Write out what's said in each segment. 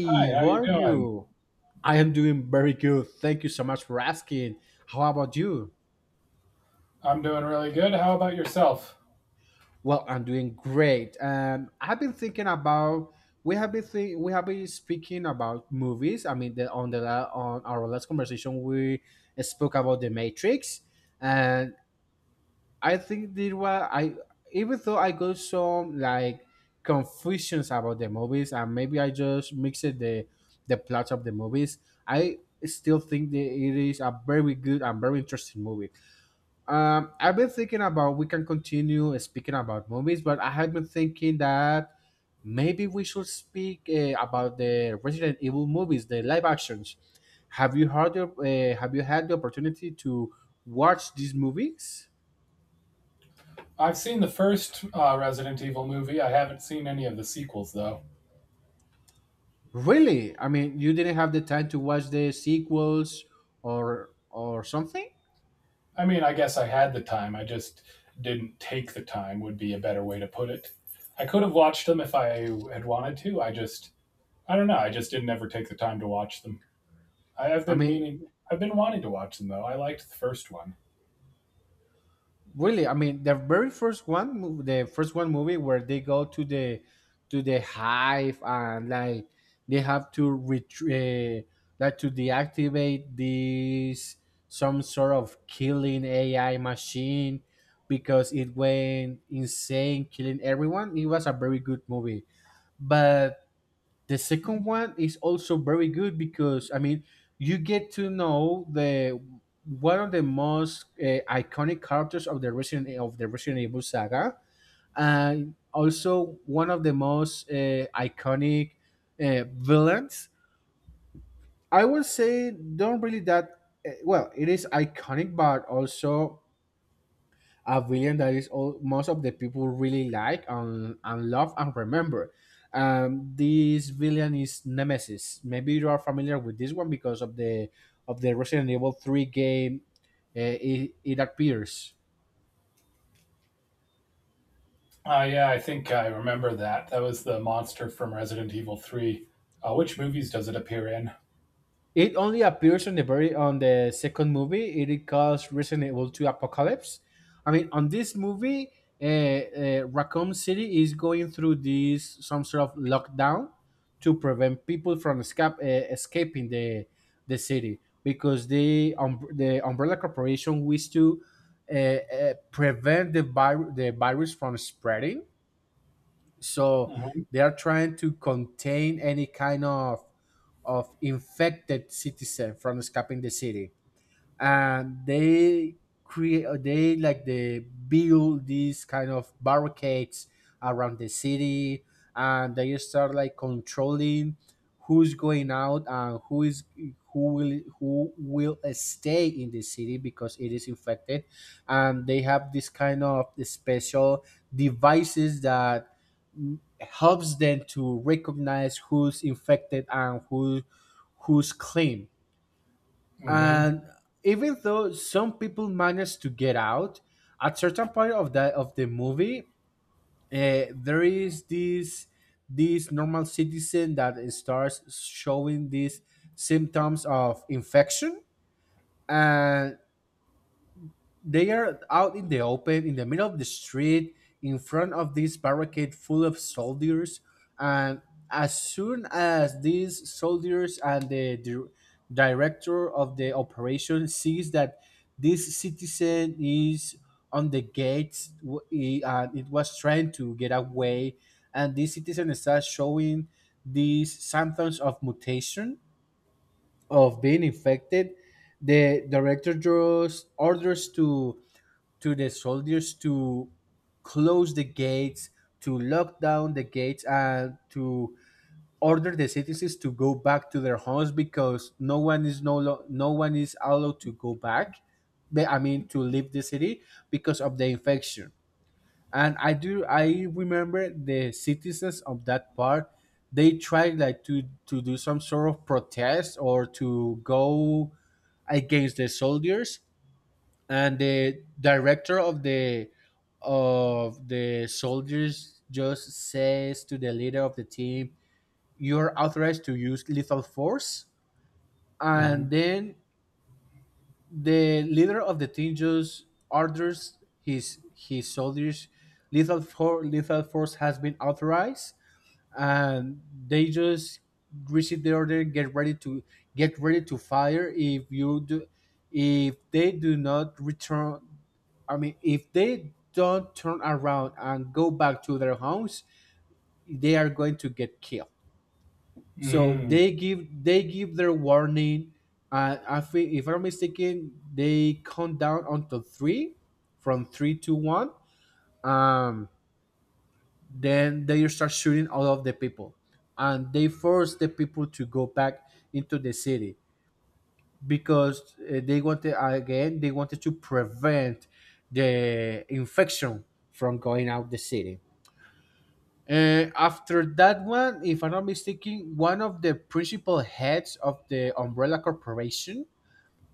Hi, how how you are doing? you? I am doing very good. Thank you so much for asking. How about you? I'm doing really good. How about yourself? Well, I'm doing great. I've been thinking about we have been speaking about movies. I mean, on on our last conversation, we spoke about The Matrix, and I think there was I even though I got some like confusions about the movies and maybe I just mixed the plots of the movies. I still think that it is a very good and very interesting movie. I've been thinking about we can continue speaking about movies, but I have been thinking that maybe we should speak about the Resident Evil movies, the live actions. Have you had the opportunity to watch these movies? I've seen the first Resident Evil movie. I haven't seen any of the sequels, though. Really? I mean, you didn't have the time to watch the sequels or something? I mean, I guess I had the time. I just didn't take the time, would be a better way to put it. I could have watched them if I had wanted to. I just, I don't know. I just didn't ever take the time to watch them. I, have I been mean, meaning, I've been wanting to watch them, though. I liked the first one. really? I mean, the very first one, the first one movie where they go to the hive and like they have to retrieve like to deactivate this some sort of killing AI machine because it went insane killing everyone. It was a very good movie. But the second one is also very good because I mean you get to know the one of the most iconic characters of the Resident Evil saga, and also one of the most iconic villains. I would say don't really that well. It is iconic, but also a villain that is all most of the people really like and love and remember. This villain is Nemesis. Maybe you are familiar with this one because of the Resident Evil Three game. It appears. Yeah, I think I remember that. That was the monster from Resident Evil 3. Which movies does it appear in? It only appears on the very on the second movie. It calls Resident Evil 2 Apocalypse. I mean, on this movie, Raccoon City is going through this some sort of lockdown to prevent people from escaping the city because the Umbrella Corporation wish to prevent the virus from spreading, so hmm they are trying to contain any kind of infected citizen from escaping the city, and they create they like they build these kind of barricades around the city, and they start like controlling who's going out and who will stay in the city because it is infected. And they have this kind of special devices that, helps them to recognize who's infected and who's clean. hmm And even though some people manage to get out at certain point of the movie, there is this this normal citizen that starts showing these symptoms of infection, and they are out in the open, in the middle of the street, in front of this barricade full of soldiers. And as soon as these soldiers and the director of the operation sees that this citizen is on the gates, and it was trying to get away, and this citizen starts showing these symptoms of mutation, of being infected, the director just orders to the soldiers to close the gates, to lock down the gates, and to order the citizens to go back to their homes because no one is allowed to go back. I mean, to leave the city because of the infection. And I remember the citizens of that part, they tried like to do some sort of protest or to go against the soldiers, and the director of the soldiers just says to the leader of the team, "You're authorized to use lethal force." And Mhm. then the leader of the team just orders his soldiers, Lethal force has been authorized." And they just receive the order. Get ready to fire. If they do not return, I mean, if they don't turn around and go back to their homes, they are going to get killed. So Mm. They give their warning, and I think if I'm mistaken, they count down until three, from three to one. um then they start shooting all of the people, and they force the people to go back into the city because they wanted, again, they wanted to prevent the infection from going out the city. After that one, if I'm not mistaken, one of the principal heads of the Umbrella Corporation,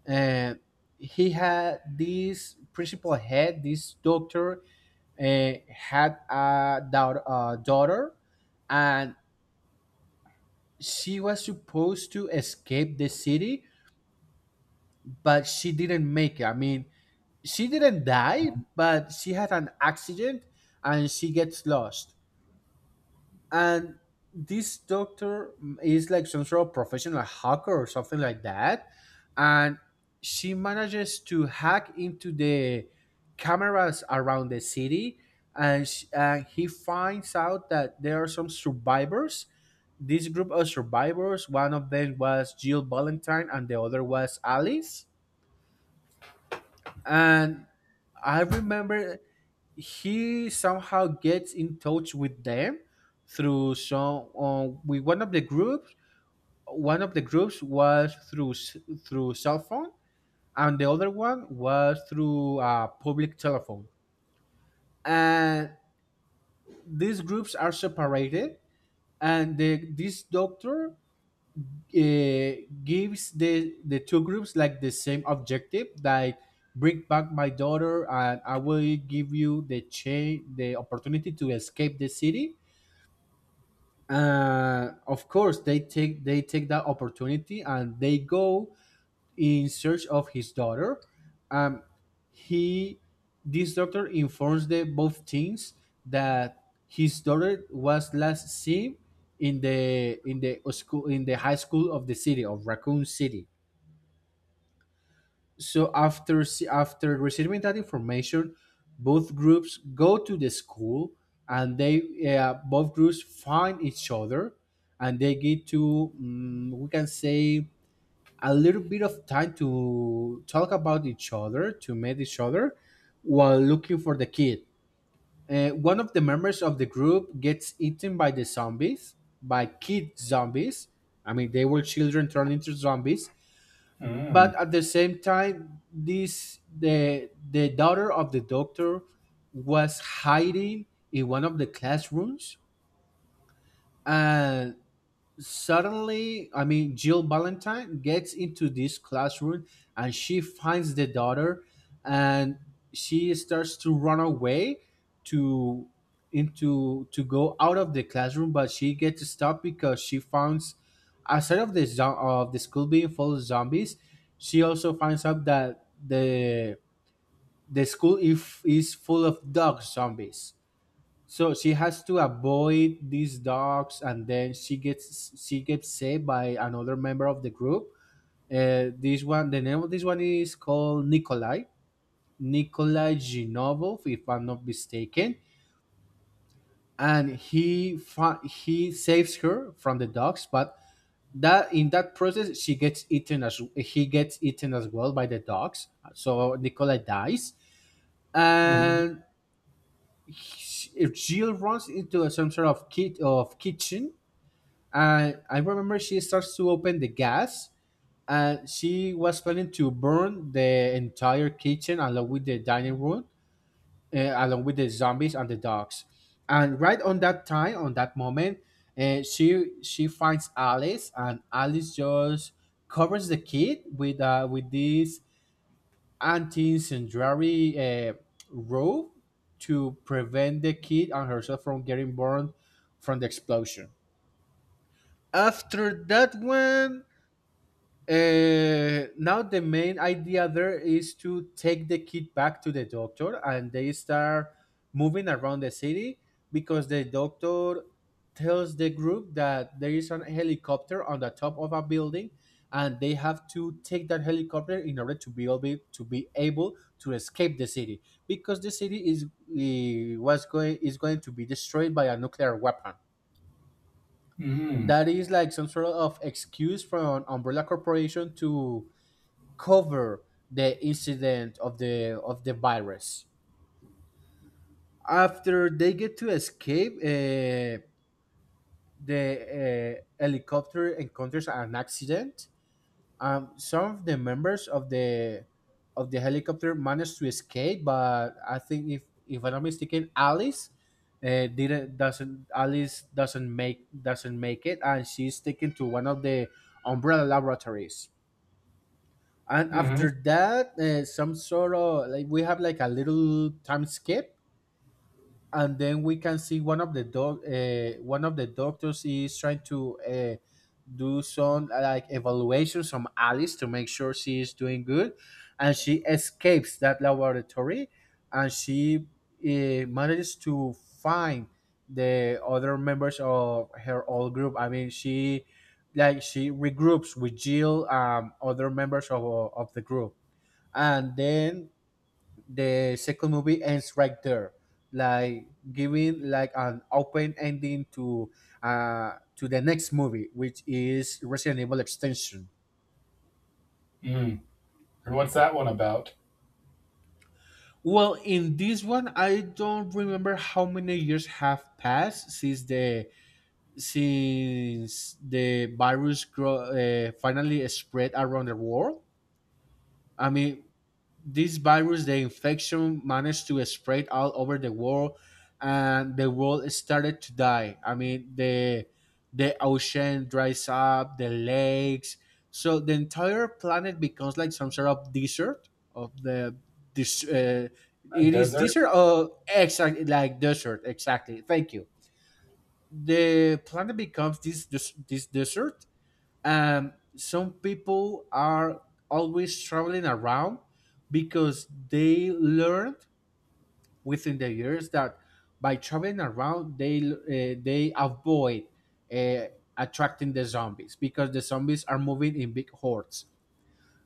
uh, he had this principal head, this doctor, had a daughter, daughter. And she was supposed to escape the city, but she didn't make it. I mean, she didn't die, Mhm. but she had an accident, and she gets lost. And this doctor is like some sort of professional hacker or something like that, and she manages to hack into the cameras around the city, and sh he finds out that there are some survivors, this group of survivors. One of them was Jill Valentine, and the other was Alice. And I remember he somehow gets in touch with them through some, with one of the groups. One of the groups was through through cell phone, and the other one was through public telephone. And these groups are separated, and this doctor, uh, gives the two groups like the same objective, like, "Bring back my daughter and I will give you the opportunity to escape the city." Of course, they take that opportunity, and they go in search of his daughter. Um, he, this doctor informs the both teens that his daughter was last seen in the school, in the high school of the city of Raccoon City. So after after receiving that information, both groups go to the school, and they, both groups find each other, and they get to, we can say, a little bit of time to talk about each other, to meet each other while looking for the kid. One of the members of the group gets eaten by the zombies, by kid zombies. I mean, they were children turned into zombies. But Mm. at the same time, this the daughter of the doctor was hiding in one of the classrooms, and suddenly, I mean, Jill Valentine gets into this classroom and she finds the daughter, and she starts to run away to into to go out of the classroom, but she gets stopped because she finds outside of of the school being full of zombies. She also finds out that the school if is full of dog zombies. So she has to avoid these dogs, and then she gets saved by another member of the group. This one, the name of this one is called Nikolai, Nikolai Zinovov, if I'm not mistaken, and he saves her from the dogs, but that process she gets eaten as he gets eaten as well by the dogs. So Nikolai dies, Mhm. and she, Jill, runs into some sort of kitchen, and I remember she starts to open the gas, and she was planning to burn the entire kitchen along with the dining room, along with the zombies and the dogs. And right on that time, on that moment, she finds Alice, and Alice just covers the kid with, with this anti-incendiary, robe to prevent the kid and herself from getting burned from the explosion. After that one, now the main idea there is to take the kid back to the doctor, and they start moving around the city because the doctor tells the group that there is an helicopter on the top of a building, and they have to take that helicopter in order to be able to escape the city because the city is, eh, was going is going to be destroyed by a nuclear weapon. Mm. That is like some sort of excuse from Umbrella Corporation to cover the incident of the virus. After they get to escape, the uh, helicopter encounters an accident. Some of the members of the helicopter managed to escape, but I think if I'm not mistaken, Alice didn't doesn't Alice doesn't make it, and she's taken to one of the Umbrella laboratories. And after Mhm. that, some sort of, like, we have like a little time skip, and then we can see one of the doctors is trying to do some, like, evaluations on Alice to make sure she is doing good. And she escapes that laboratory, and she manages to find the other members of her old group. I mean, she like she regroups with Jill, other members of the group. And then the second movie ends right there, like giving like an open ending to the next movie, which is Resident Evil Extension. Mm. And what's that one about? Well, in this one I don't remember how many years have passed since the virus finally spread around the world. I mean, this virus, the infection, managed to spread all over the world, and the world started to die. I mean, the ocean dries up, the lakes, so the entire planet becomes like some sort of desert of the this. A It is desert? desert. Oh, exactly, like desert, exactly. Thank you. The planet becomes this desert. Some people are always traveling around because they learned, within the years, that by traveling around they avoid uh, attracting the zombies, because the zombies are moving in big hordes.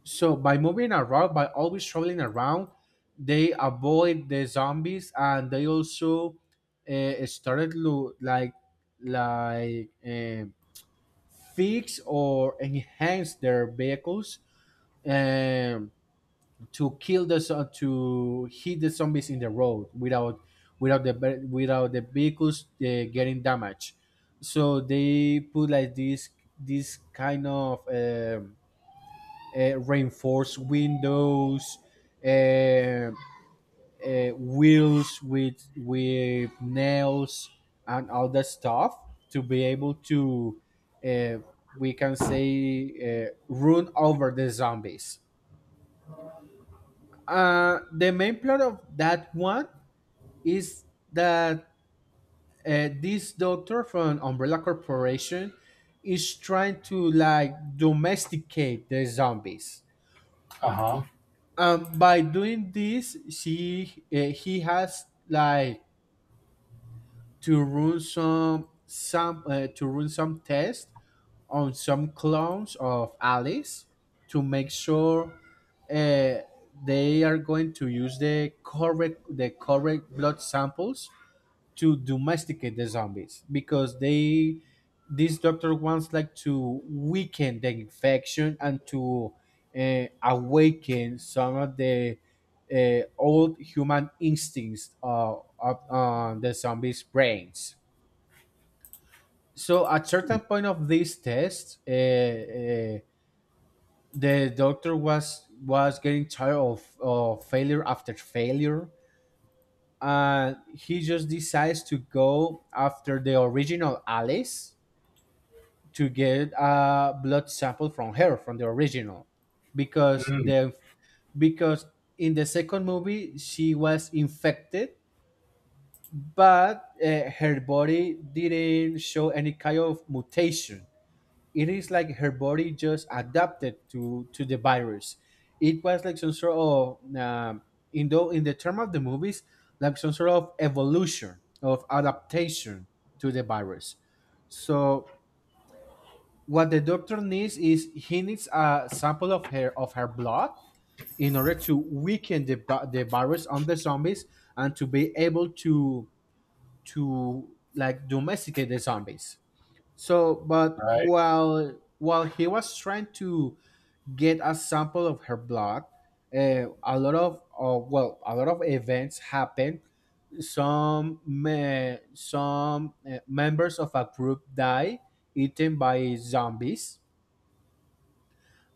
So by moving around, by always traveling around, they avoid the zombies, and they also like, like um fix or enhance their vehicles, um, to kill to hit the zombies in the road without without the vehicles getting damaged. So they put like this kind of, reinforced windows, uh, wheels with nails and all that stuff, to be able to, uh, we can say, run over the zombies. The main plot of that one is that, this doctor from Umbrella Corporation is trying to, like, domesticate the zombies. Uh-huh. By doing this, she he has, like, to run some to run some tests on some clones of Alice to make sure uh, they are going to use the correct blood samples to domesticate the zombies, because they this doctor wants, like, to weaken the infection and to, awaken some of the old human instincts, on the zombies' brains. So at certain point of these tests, the doctor was getting tired of failure after failure, and he just decides to go after the original Alice to get a blood sample from her, from the original. because Mm. the because in the second movie she was infected, but her body didn't show any kind of mutation. It is like her body just adapted to the virus. It was like some sort of, in the term of the movies, like some sort of evolution of adaptation to the virus. So what the doctor needs is he needs a sample of her, blood, in order to weaken the virus on the zombies, and to be able to, to like, domesticate the zombies. So, but Right. while he was trying to get a sample of her blood, a lot of, well, a lot of events happened. Some members of a group die, eaten by zombies,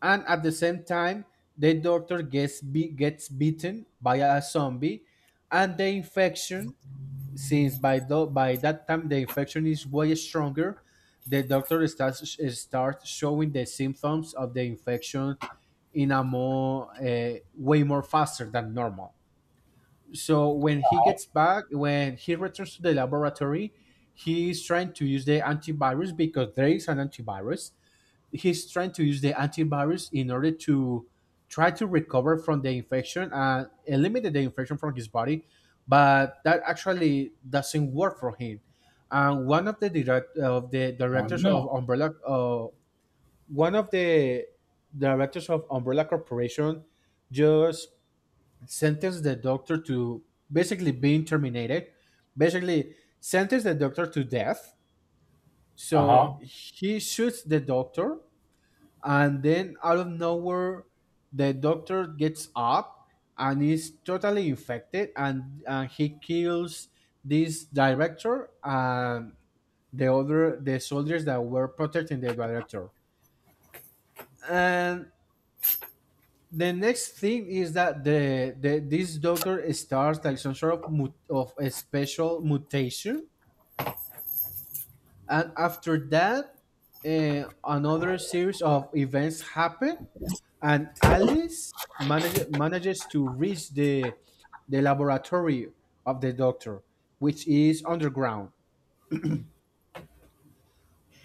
and at the same time, the doctor gets bitten by a zombie, and the infection, since by that time the infection is way stronger, the doctor starts showing the symptoms of the infection in a more, way more faster than normal. So when he gets back, when he returns to the laboratory, he is trying to use the antivirus, because there is an antivirus. He's trying to use the antibodies in order to try to recover from the infection and eliminate the infection from his body, but that actually doesn't work for him. And one of the direct of the Oh, directors of no. Umbrella, one of the directors of Umbrella Corporation, just sentenced the doctor to basically being terminated, basically sentenced the doctor to death. So Uh-huh. he shoots the doctor, and then out of nowhere the doctor gets up and is totally infected, and he kills this director and the soldiers that were protecting the director. And the next thing is that the this doctor starts like some sort of a special mutation. And after that, another series of events happen, and Alice manages to reach the laboratory of the doctor, which is underground.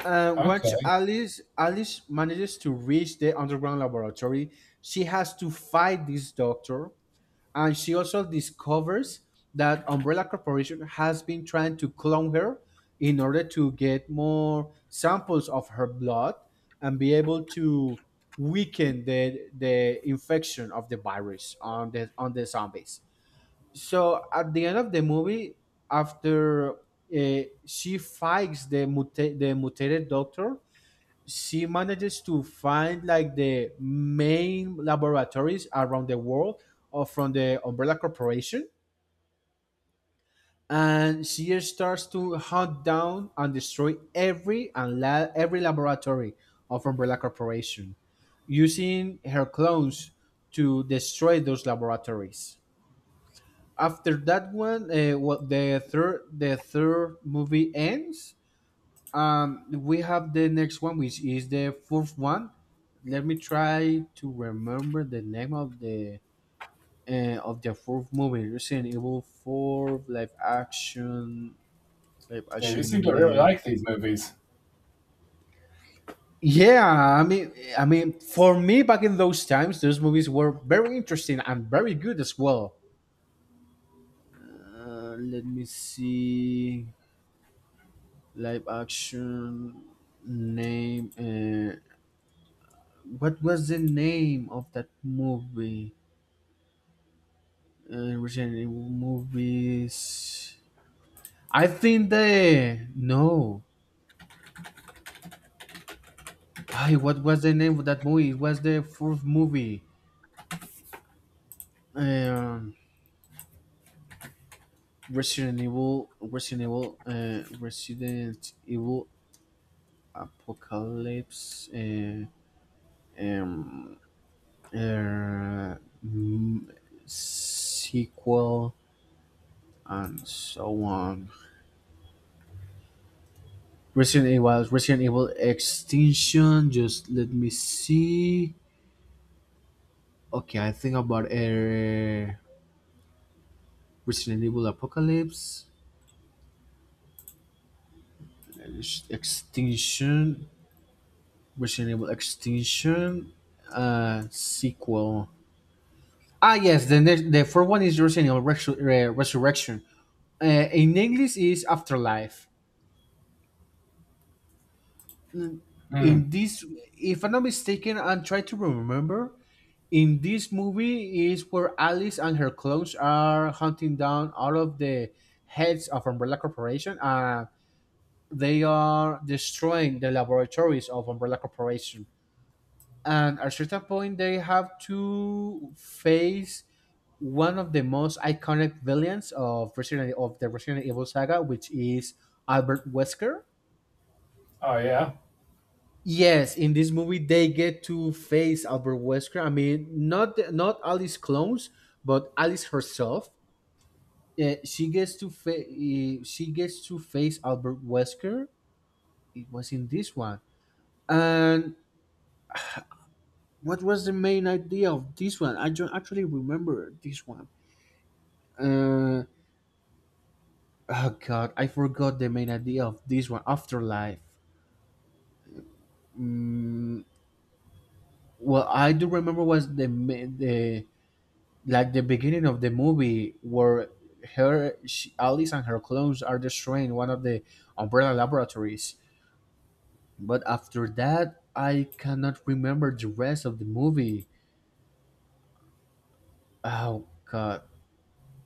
And once Okay. Alice manages to reach the underground laboratory, she has to fight this doctor. And she also discovers that Umbrella Corporation has been trying to clone her in order to get more samples of her blood and be able to weaken the infection of the virus on the zombies. So at the end of the movie, after, she fights the mutated doctor, she manages to find, like, the main laboratories around the world, or from the Umbrella Corporation. And she starts to hunt down and destroy every laboratory of Umbrella Corporation, using her clones to destroy those laboratories. After that one, what the third movie ends. We have the next one, which is the fourth one. Let me try to remember the name of the fourth movie. Resident Evil Four, live action, live Yeah, you seem action. to really Uh, like these movies. yeah, I mean, for me back in those times, those movies were very interesting and very good as well. Let me see, live action name. What was the name of that movie? Recent movies. I think the no. Ay, what was the name of that movie? It was the fourth movie. Um, Resident Evil, Resident Evil, Resident Evil Apocalypse. Um, uh, mm, Sequel and so on. Resident Evil, Resident Evil Extinction. Just let me see. Okay, I think about a Resident Evil Apocalypse, Extinction, Resident Evil Extinction, sequel. Ah, yes, the next, the fourth one is Resident Evil Resurrection. In English is Afterlife. Mm, Mm. In this, if I'm not mistaken, I'm trying to remember. In this movie is where Alice and her clones are hunting down all of the heads of Umbrella Corporation. They are destroying the laboratories of Umbrella Corporation. And at a certain point, they have to face one of the most iconic villains of of the Resident Evil saga, which is Albert Wesker. Oh, yeah? Yes, in this movie they get to face Albert Wesker. I mean, not Alice clones, but Alice herself. She gets to fa- eh, she gets to face Albert Wesker. It was in this one, and, what was the main idea of this one? I don't actually remember this one. Uh, oh god, I forgot the main idea of this one. Afterlife. Mm, Well, I do remember was the, like, the beginning of the movie where Alice and her clones are destroying one of the umbrella laboratories. But after that, I cannot remember the rest of the movie. Oh God!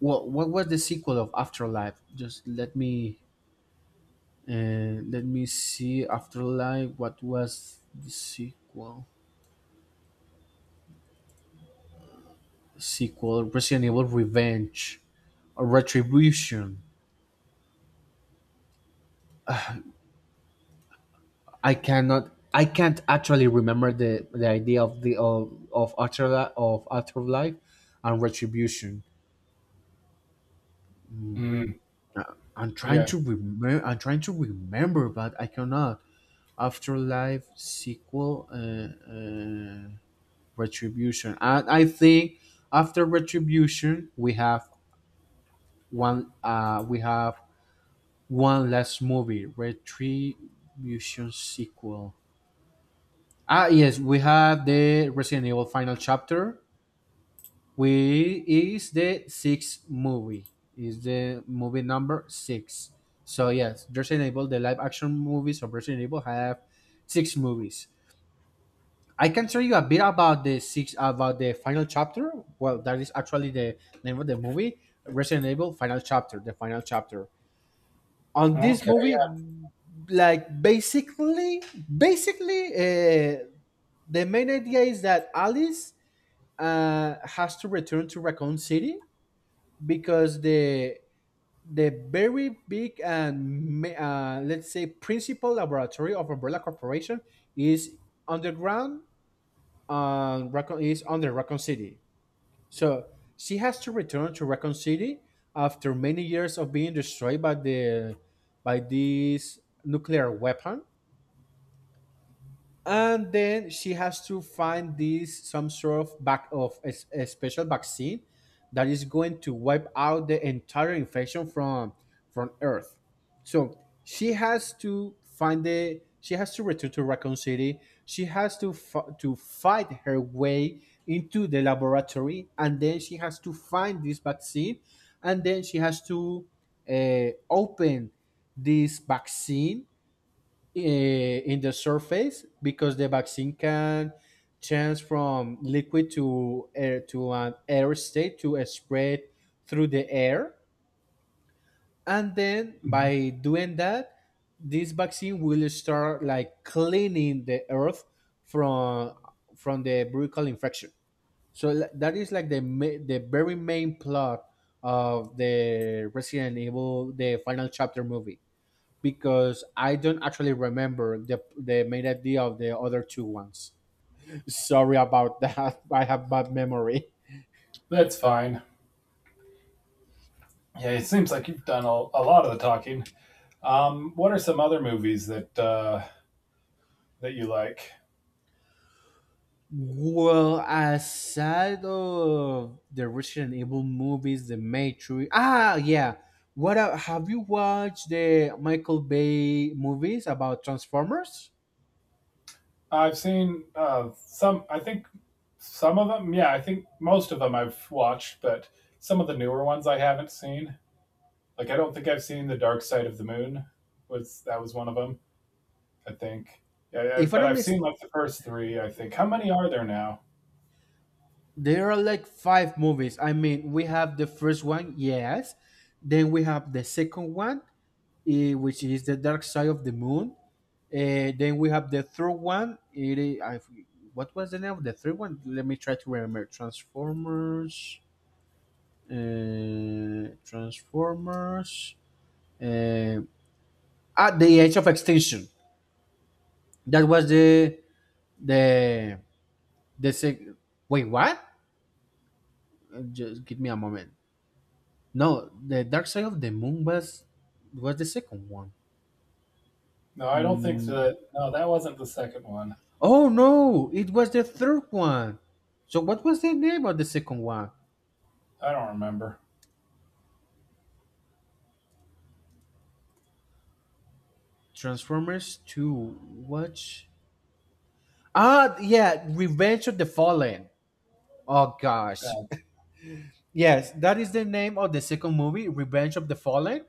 Well, what was the sequel of Afterlife? Just let me And let me see Afterlife. What was the sequel? Sequel Resident Evil Revenge or Retribution. I cannot. I can't actually remember the idea of afterlife and retribution. Mm. I'm trying Yeah. to remember. I'm trying to remember, but I cannot. Afterlife sequel, Retribution. And I think after Retribution we have one last movie, Retribution sequel. Ah, yes, we have the Resident Evil Final Chapter. We is the sixth movie, is the movie number six. So yes, Resident Evil, the live action movies of Resident Evil have six movies. I can tell you a bit about the six, about the final chapter. Well, that is actually the name of the movie. Resident Evil Final Chapter, the final chapter. On this Okay, movie, yeah. like, basically the main idea is that Alice has to return to Raccoon City, because the very big and let's say, principal laboratory of Umbrella Corporation is underground. Raccoon is under Raccoon City. So she has to return to Raccoon City after many years of being destroyed by the by this nuclear weapon. And then she has to find this, some sort of back of a, a special vaccine that is going to wipe out the entire infection from earth. So she has to return to Raccoon City. She has to to fight her way into the laboratory, and then she has to find this vaccine, and then she has to, open this vaccine in the surface, because the vaccine can change from liquid to air, to an air state, to a spread through the air. And then Mhm. by doing that, this vaccine will start like cleaning the earth from from the brutal infection. So that is like the very main plot of the Resident Evil, the Final Chapter movie. Because I don't actually remember the main idea of the other two ones. Sorry about that. I have bad memory. That's fine. Yeah, it seems like you've done a lot of the talking. What are some other movies that that you like? Well, aside of the Resident Evil movies, The Matrix. Ah, yeah. Have you watched the Michael Bay movies about Transformers? I've seen some. I think some of them. Yeah, I think most of them I've watched, but some of the newer ones I haven't seen. Like I don't think I've seen the Dark Side of the Moon. Was that was one of them? I think. Yeah, I, If I but don't I've miss, seen like the first three. I think. How many are there now? there are like five movies. I mean, we have the first one, yes. Then we have the second one, which is the Dark Side of the Moon. Eh, then we have the third one. What was the name of the third one? Let me try to remember. Transformers. Transformers. Uh, at the edge of Extinction. That was the the sec- wait, what? Just give me a moment. No, the Dark Side of the Moon was the second one. No, I don't think that. No, that wasn't the second one. Oh no, it was the third one. So what was the name of the second one? I don't remember. Transformers 2. Watch. Ah, yeah, Revenge of the Fallen. Oh gosh. That's Yes, that is the name of the second movie, Revenge of the Fallen.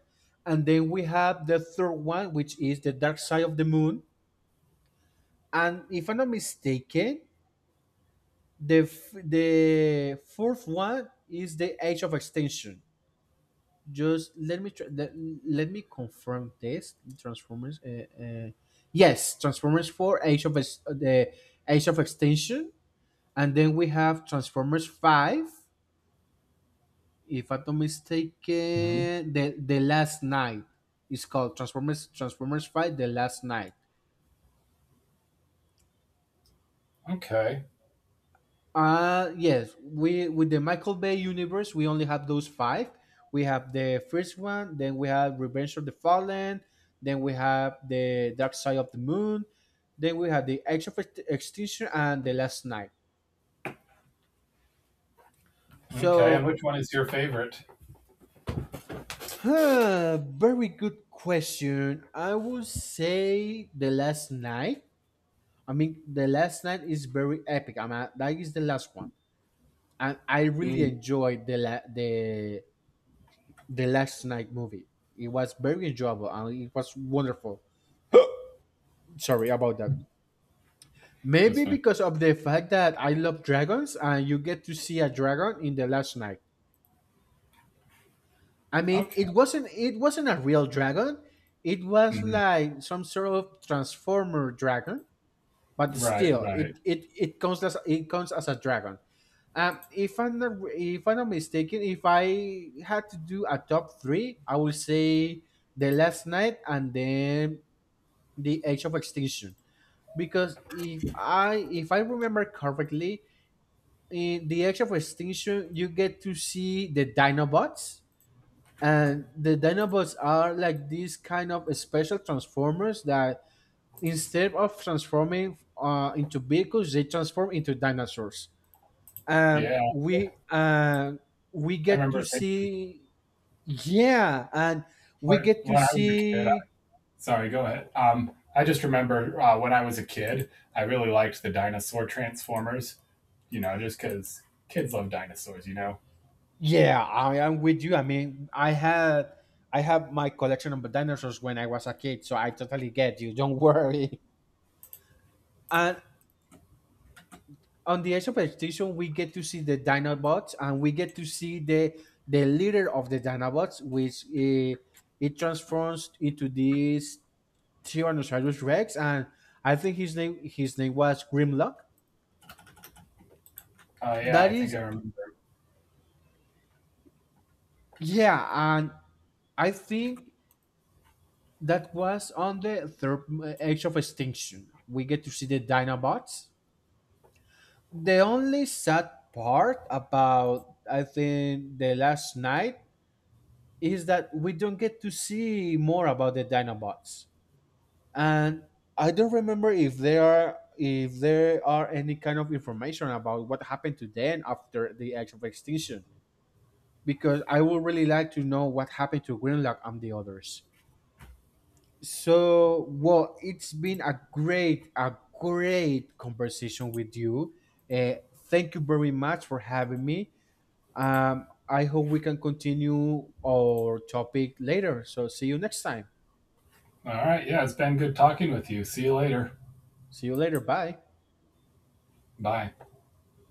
And then we have the third one, which is The Dark Side of the Moon. And if I'm not mistaken, the fourth one is The Age of Extinction. Just let me try, let, Let me confirm this. Transformers, yes, Transformers 4, the Age of Extinction. And then we have Transformers 5. If I'm not Mhm. mistaken, the Last Night is called Transformers, transformers 5, The Last Night. Okay. Yes, we with the Michael Bay universe, we only have those five. We have the first one, then we have Revenge of the Fallen, then we have the Dark Side of the Moon, then we have the Age of Ext- Extinction and The Last Night. Okay, and So, which one is your favorite? Very good question. I would say The Last Night. I mean, The Last Night is very epic. I mean, that is the last one, and I really Mm, enjoyed the The Last Night movie. It was very enjoyable and it was wonderful. Sorry about that. Maybe this one. because of the fact that I love dragons and you get to see a dragon in The Last Night. I mean, Okay. It wasn't a real dragon. It was Mhm. like some sort of transformer dragon, but Right. still, Right. It counts as a dragon. If I'm not if I'm not mistaken, if I had to do a top three, I would say The Last Night, and then the Age of Extinction, because if I remember correctly, in the Age of Extinction you get to see the Dinobots, and the Dinobots are like these kind of special transformers that instead of transforming into vehicles, they transform into dinosaurs. Um, Yeah. we uh, we I get to remember thinking see yeah, and We When, get to when I was a kid, see, sorry, go ahead. I just remember when I was a kid, I really liked the dinosaur Transformers, you know, just because kids love dinosaurs, you know? yeah, I am with you. I mean, I had my collection of dinosaurs when I was a kid, so I totally get you. Don't worry. And on the Age of Extinction, we get to see the Dinobots, and we get to see the leader of the Dinobots, which it transforms into this Tyrannosaurus Rex, and I think his name was Grimlock. Oh yeah, That I think is, I remember. yeah, and I think that was on the third, Age of Extinction. We get to see the Dinobots. The only sad part about, I think, The Last Night is that we don't get to see more about the Dinobots, and I don't remember if there are, any kind of information about what happened to them after the Age of Extinction. Because I would really like to know what happened to Greenlock and the others. So, well, it's been a great conversation with you. Uh, Thank you very much for having me. I hope we can continue our topic later. So, see you next time. All right. Yeah, it's been good talking with you. See you later. See you later. Bye. Bye.